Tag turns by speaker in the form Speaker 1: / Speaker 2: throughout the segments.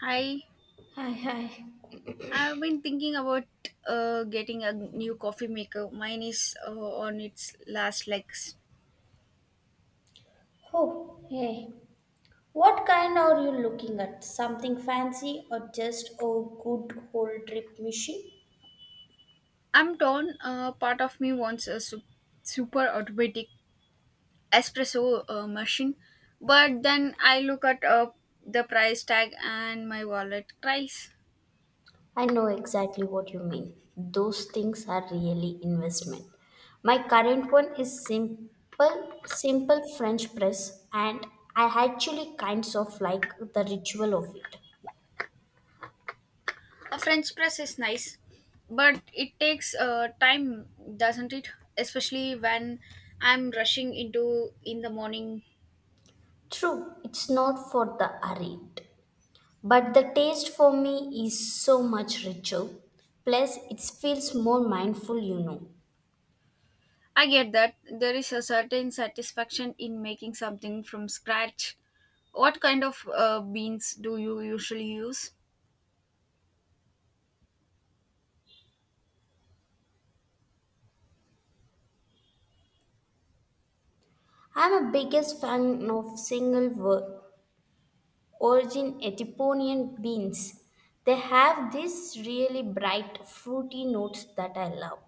Speaker 1: Hi,
Speaker 2: Hi, hi.
Speaker 1: I've been thinking about getting a new coffee maker. Mine is on its last legs.
Speaker 2: Oh, hey. What kind are you looking at? Something fancy or just a good old drip machine?
Speaker 1: I'm torn. Part of me wants a super automatic espresso machine, but then I look at the price tag and my wallet cries.
Speaker 2: I know exactly what you mean. Those things are really investment. My current one is simple French press, and I actually kinds of like the ritual of it.
Speaker 1: A French press is nice, but it takes time, doesn't it? Especially when I'm rushing into in the morning.
Speaker 2: True, it's not for the arrayed. But the taste for me is so much richer. Plus, it feels more mindful, you know.
Speaker 1: I get that there is a certain satisfaction in making something from scratch. What kind of beans do you usually use?
Speaker 2: I'm a biggest fan of origin Ethiopian beans. They have these really bright fruity notes that I love.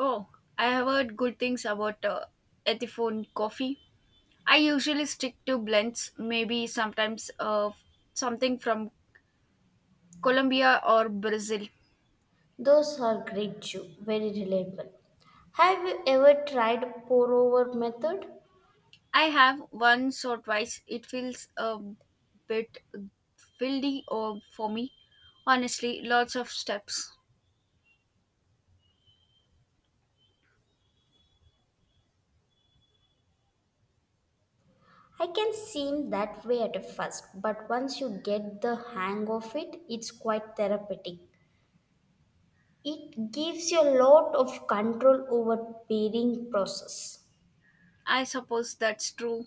Speaker 1: Oh, I have heard good things about Ethiopian coffee. I usually stick to blends, maybe sometimes something from Colombia or Brazil.
Speaker 2: Those are great too, very reliable. Have you ever tried pour over method?
Speaker 1: I have once or twice. It feels a bit fieldy or for me. Honestly, lots of steps.
Speaker 2: I can seem that way at first, but once you get the hang of it, it's quite therapeutic. It gives you a lot of control over pairing process.
Speaker 1: I suppose that's true.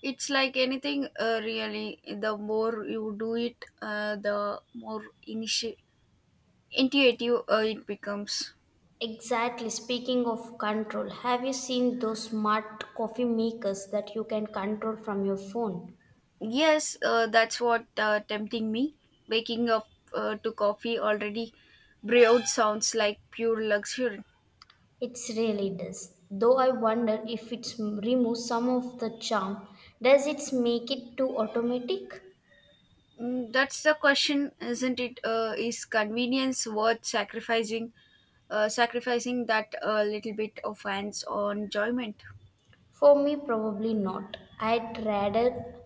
Speaker 1: It's like anything, really. The more you do it, the more initi- intuitive it becomes.
Speaker 2: Exactly. Speaking of control, have you seen those smart coffee makers that you can control from your phone?
Speaker 1: Yes, that's what tempting me. Waking up to coffee already brewed sounds like pure luxury.
Speaker 2: It really does. Though I wonder if it removes some of the charm. Does it make it too automatic?
Speaker 1: Mm, that's the question, isn't it? Is convenience worth sacrificing? Sacrificing that little bit of hands-on enjoyment.
Speaker 2: For me, probably not. I'd rather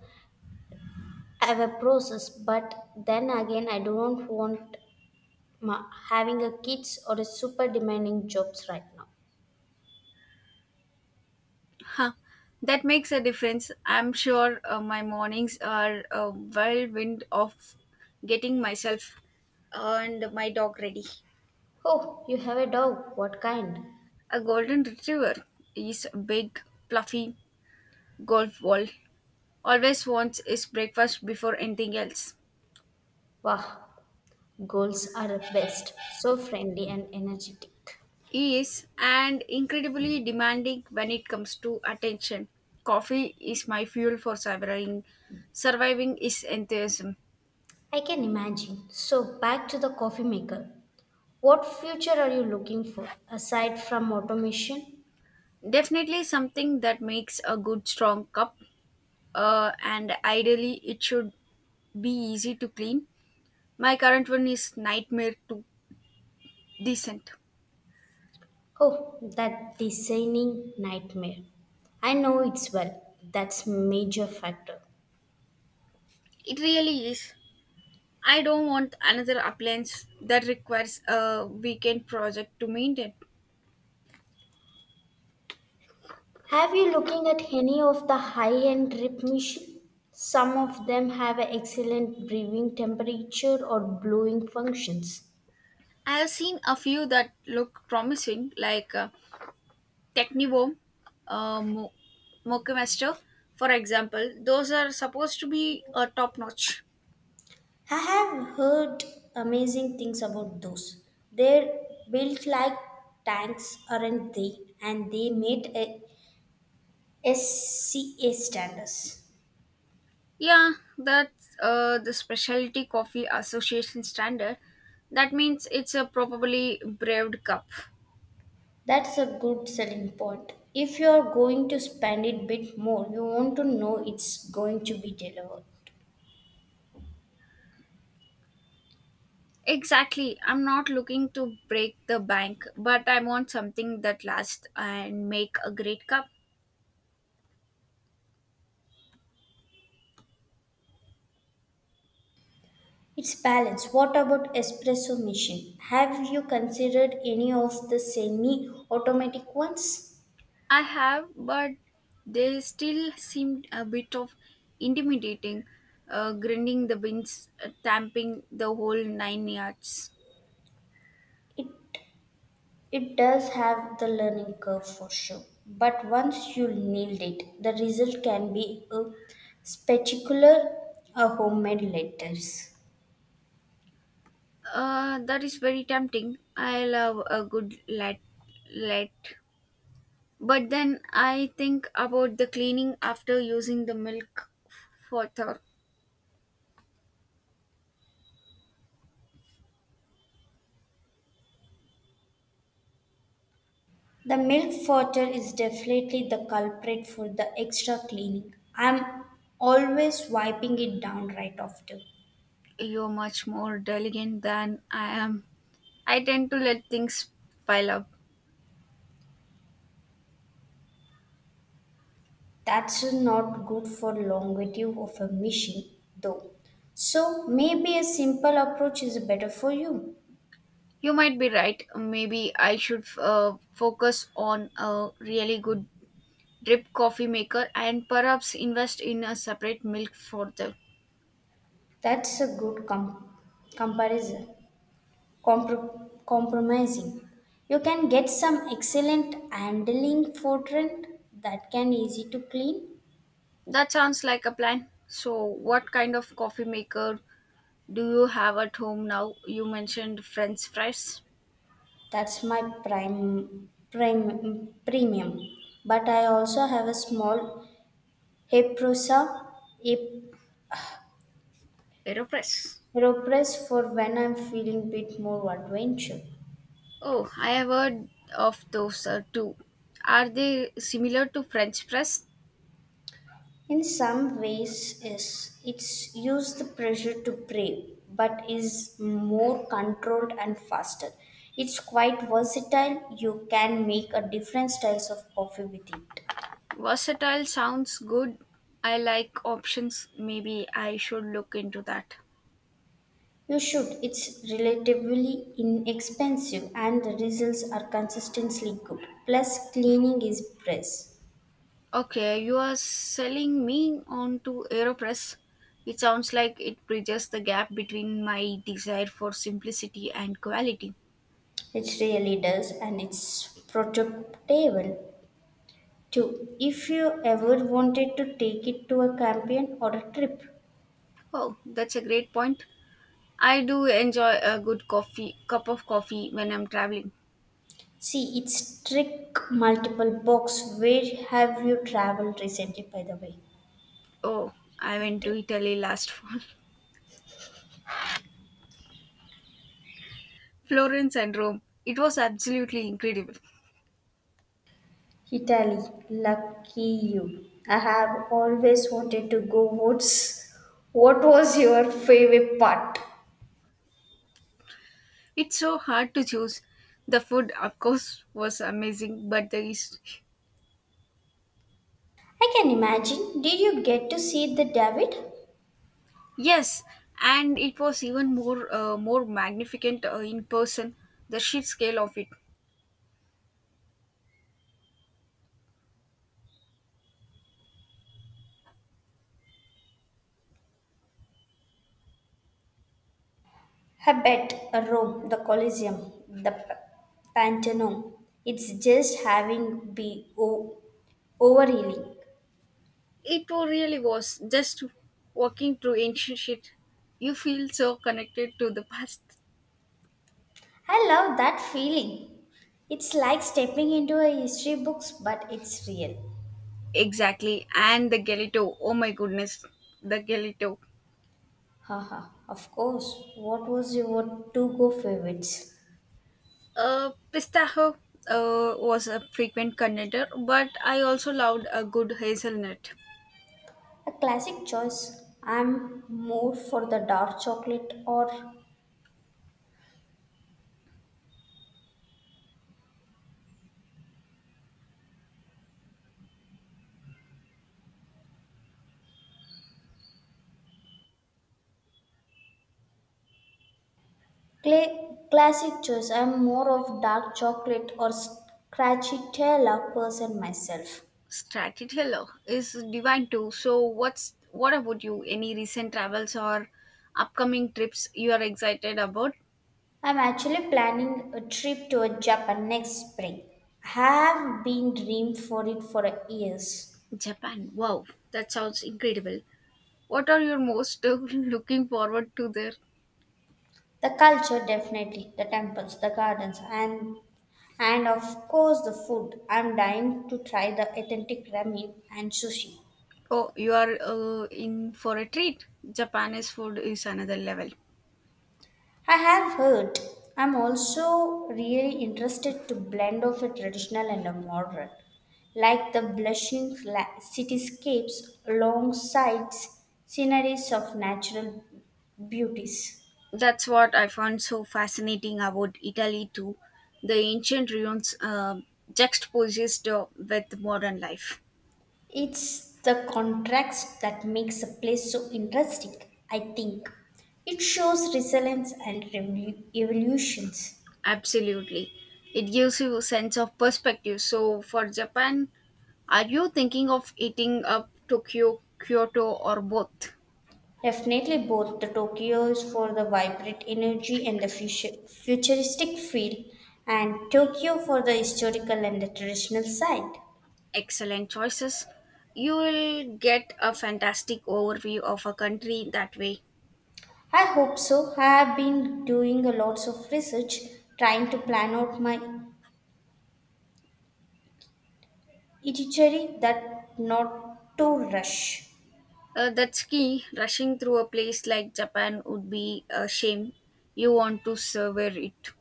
Speaker 2: have a process, but then again, I don't want having a kids or a super demanding jobs right now.
Speaker 1: Huh. That makes a difference. I'm sure my mornings are a whirlwind of getting myself and my dog ready.
Speaker 2: Oh, you have a dog. What kind?
Speaker 1: A golden retriever is a big, fluffy golf ball. Always wants his breakfast before anything else.
Speaker 2: Wah, goals are the best. So friendly and energetic.
Speaker 1: He is and incredibly demanding when it comes to attention. Coffee is my fuel for surviving. Surviving is enthusiasm.
Speaker 2: I can imagine. So, back to the coffee maker. What future are you looking for aside from automation?
Speaker 1: Definitely something that makes a good strong cup, and ideally it should be easy to clean. My current one is nightmare to decent.
Speaker 2: Oh, that designing nightmare. I know it's well. That's major factor.
Speaker 1: It really is. I don't want another appliance that requires a weekend project to maintain.
Speaker 2: Have you looking at any of the high-end drip machine? Some of them have excellent brewing temperature or brewing functions.
Speaker 1: I have seen a few that look promising, like Technivo, uh, Mo- Mochemaster, for example. Those are supposed to be top notch.
Speaker 2: I have heard amazing things about those. They're built like tanks, aren't they? And they meet a SCA standards.
Speaker 1: Yeah, that's the Specialty Coffee Association standard. That means it's a probably brewed cup.
Speaker 2: That's a good selling point. If you're going to spend it bit more, you want to know it's going to be delivered.
Speaker 1: Exactly. I'm not looking to break the bank, but I want something that lasts and make a great cup.
Speaker 2: It's balanced. What about espresso machine? Have you considered any of the semi-automatic ones?
Speaker 1: I have, but they still seemed a bit of intimidating, grinding the beans, tamping the whole nine yards.
Speaker 2: It It does have the learning curve for sure, but once you nailed it, the result can be a spectacular, a homemade lettuce.
Speaker 1: That is very tempting. I love a good latte. But then I think about the cleaning after using the milk for the.
Speaker 2: The milk water is definitely the culprit for the extra cleaning. I'm always wiping it down right after.
Speaker 1: You're much more delicate than I am. I tend to let things pile up.
Speaker 2: That's not good for longevity of a machine, though. So maybe a simple approach is better for you.
Speaker 1: You might be right. Maybe I should focus on a really good drip coffee maker and perhaps invest in a separate milk for the.
Speaker 2: That's a comparison. Compromising. You can get some excellent handling fortran that can easy to clean.
Speaker 1: That sounds like a plan. So, what kind of coffee maker do you have at home now? You mentioned French fries,
Speaker 2: That's my prime premium. But I also have a small Heprosa
Speaker 1: AeroPress.
Speaker 2: Hepropress for when I'm feeling bit more adventure.
Speaker 1: Oh, I have heard of those too. Are they similar to French press?
Speaker 2: In some ways, yes, it's used the pressure to brave, but is more controlled and faster. It's quite versatile. You can make a different styles of coffee with it.
Speaker 1: Versatile sounds good. I like options. Maybe I should look into that.
Speaker 2: You should. It's relatively inexpensive, and the results are consistently good. Plus, cleaning is press.
Speaker 1: Okay, you are selling me on to AeroPress. It sounds like it bridges the gap between my desire for simplicity and quality.
Speaker 2: It really does, and it's protectable too. If you ever wanted to take it to a campaign or a trip.
Speaker 1: Oh, that's a great point. I do enjoy a good coffee cup of coffee when I'm traveling.
Speaker 2: See, it's trick multiple box. Where have you traveled recently, by the way?
Speaker 1: Oh, I went to
Speaker 2: It-
Speaker 1: Italy last fall. Florence and Rome. It was absolutely incredible.
Speaker 2: Italy, lucky you. I have always wanted to go. What was your favorite part?
Speaker 1: It's so hard to choose. The food, of course, was amazing, but the is
Speaker 2: I can imagine. Did you get to see the David?
Speaker 1: yes, and it was even more magnificent in person. The sheer scale of it,
Speaker 2: I bet Rome, the Colosseum, the Pantheon. It's just overhealing.
Speaker 1: it really was just walking through ancient shit. You feel so connected to the past.
Speaker 2: I love that feeling. It's like stepping into a history books, but it's real.
Speaker 1: Exactly, and the Galito. Oh my goodness, the Galito.
Speaker 2: Haha, of course. What was your to-go favorites?
Speaker 1: Pistachio was a frequent contender, but I also loved a good hazelnut.
Speaker 2: A classic choice. I'm more for the dark chocolate or classic choice. I'm more of dark chocolate or scratchy tail person myself.
Speaker 1: Stracciatella is divine too. So, what about you? Any recent travels or upcoming trips you are excited about?
Speaker 2: I'm actually planning a trip to Japan next spring. Have been dreamed for it for years.
Speaker 1: Japan. Wow, that sounds incredible. What are you most looking forward to there?
Speaker 2: The culture, definitely, the temples, the gardens, and of course the food. I'm dying to try the authentic ramen and sushi.
Speaker 1: Oh, you are in for a treat. Japanese food is another level.
Speaker 2: I have heard. I'm also really interested to blend of a traditional and a modern, like the cityscapes alongside sceneries of natural beauties.
Speaker 1: That's what I found so fascinating about Italy too. The ancient ruins juxtaposed with modern life.
Speaker 2: It's the contrast that makes a place so interesting, I think. It shows resilience and evolutions.
Speaker 1: Absolutely. It gives you a sense of perspective. So for Japan, are you thinking of eating up Tokyo, Kyoto or both?
Speaker 2: Definitely, both the Tokyo is for the vibrant energy and the futuristic feel, and Tokyo for the historical and the traditional side.
Speaker 1: Excellent choices. You will get a fantastic overview of a country that way.
Speaker 2: I hope so. I have been doing a lots of research, trying to plan out my itinerary that not to rush.
Speaker 1: That's key. Rushing through a place like Japan would be a shame. You want to savor it.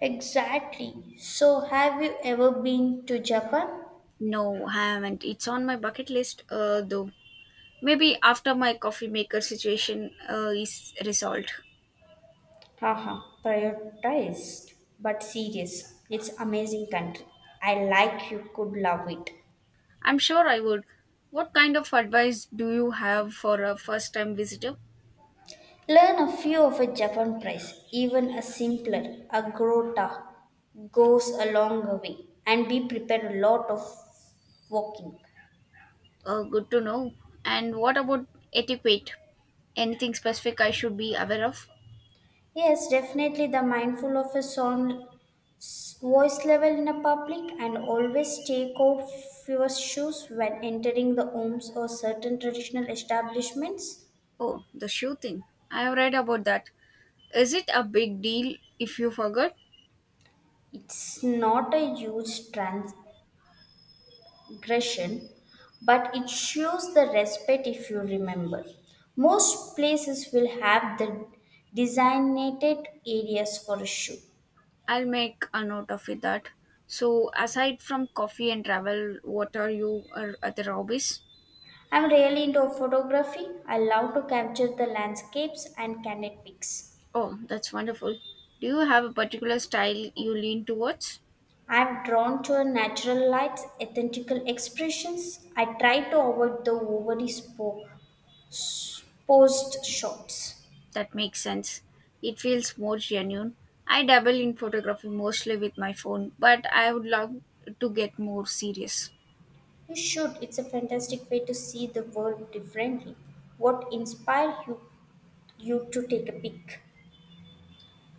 Speaker 2: Exactly. So, have you ever been to Japan?
Speaker 1: No, I haven't. It's on my bucket list, though. Maybe after my coffee maker situation is resolved.
Speaker 2: Haha, prioritized but serious. It's amazing country. I like you could love it.
Speaker 1: I'm sure I would. What kind of advice do you have for a first time visitor?
Speaker 2: Learn a few of a Japan price, even a simpler, a grota goes a long way and be prepared a lot of walking.
Speaker 1: Good to know. And what about etiquette? Anything specific I should be aware of?
Speaker 2: Yes, definitely the mindful of a voice level in a public and always take off your shoes when entering the homes or certain traditional establishments.
Speaker 1: Oh, the shoe thing. I have read about that. Is it a big deal if you forget?
Speaker 2: It's not a huge transgression, but it shows the respect if you remember. Most places will have the designated areas for a shoe.
Speaker 1: I'll make a note of it that. So, aside from coffee and travel, what are you or other hobbies?
Speaker 2: I'm really into photography. I love to capture the landscapes and candid pics.
Speaker 1: Oh, that's wonderful. Do you have a particular style you lean towards?
Speaker 2: I'm drawn to a natural light's authentical expressions. I try to avoid the posed shots.
Speaker 1: That makes sense. It feels more genuine. I dabble in photography mostly with my phone, but I would love to get more serious.
Speaker 2: You should. It's a fantastic way to see the world differently. What inspired you, you to take a peek?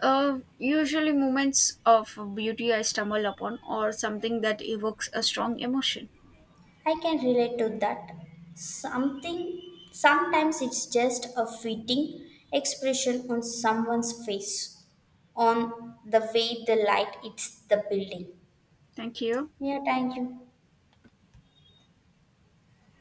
Speaker 1: Usually moments of beauty I stumble upon or something that evokes a strong emotion.
Speaker 2: I can relate to that. Something Sometimes it's just a fitting expression on someone's face on the way the light hits the building.
Speaker 1: Thank you.
Speaker 2: Yeah, thank you.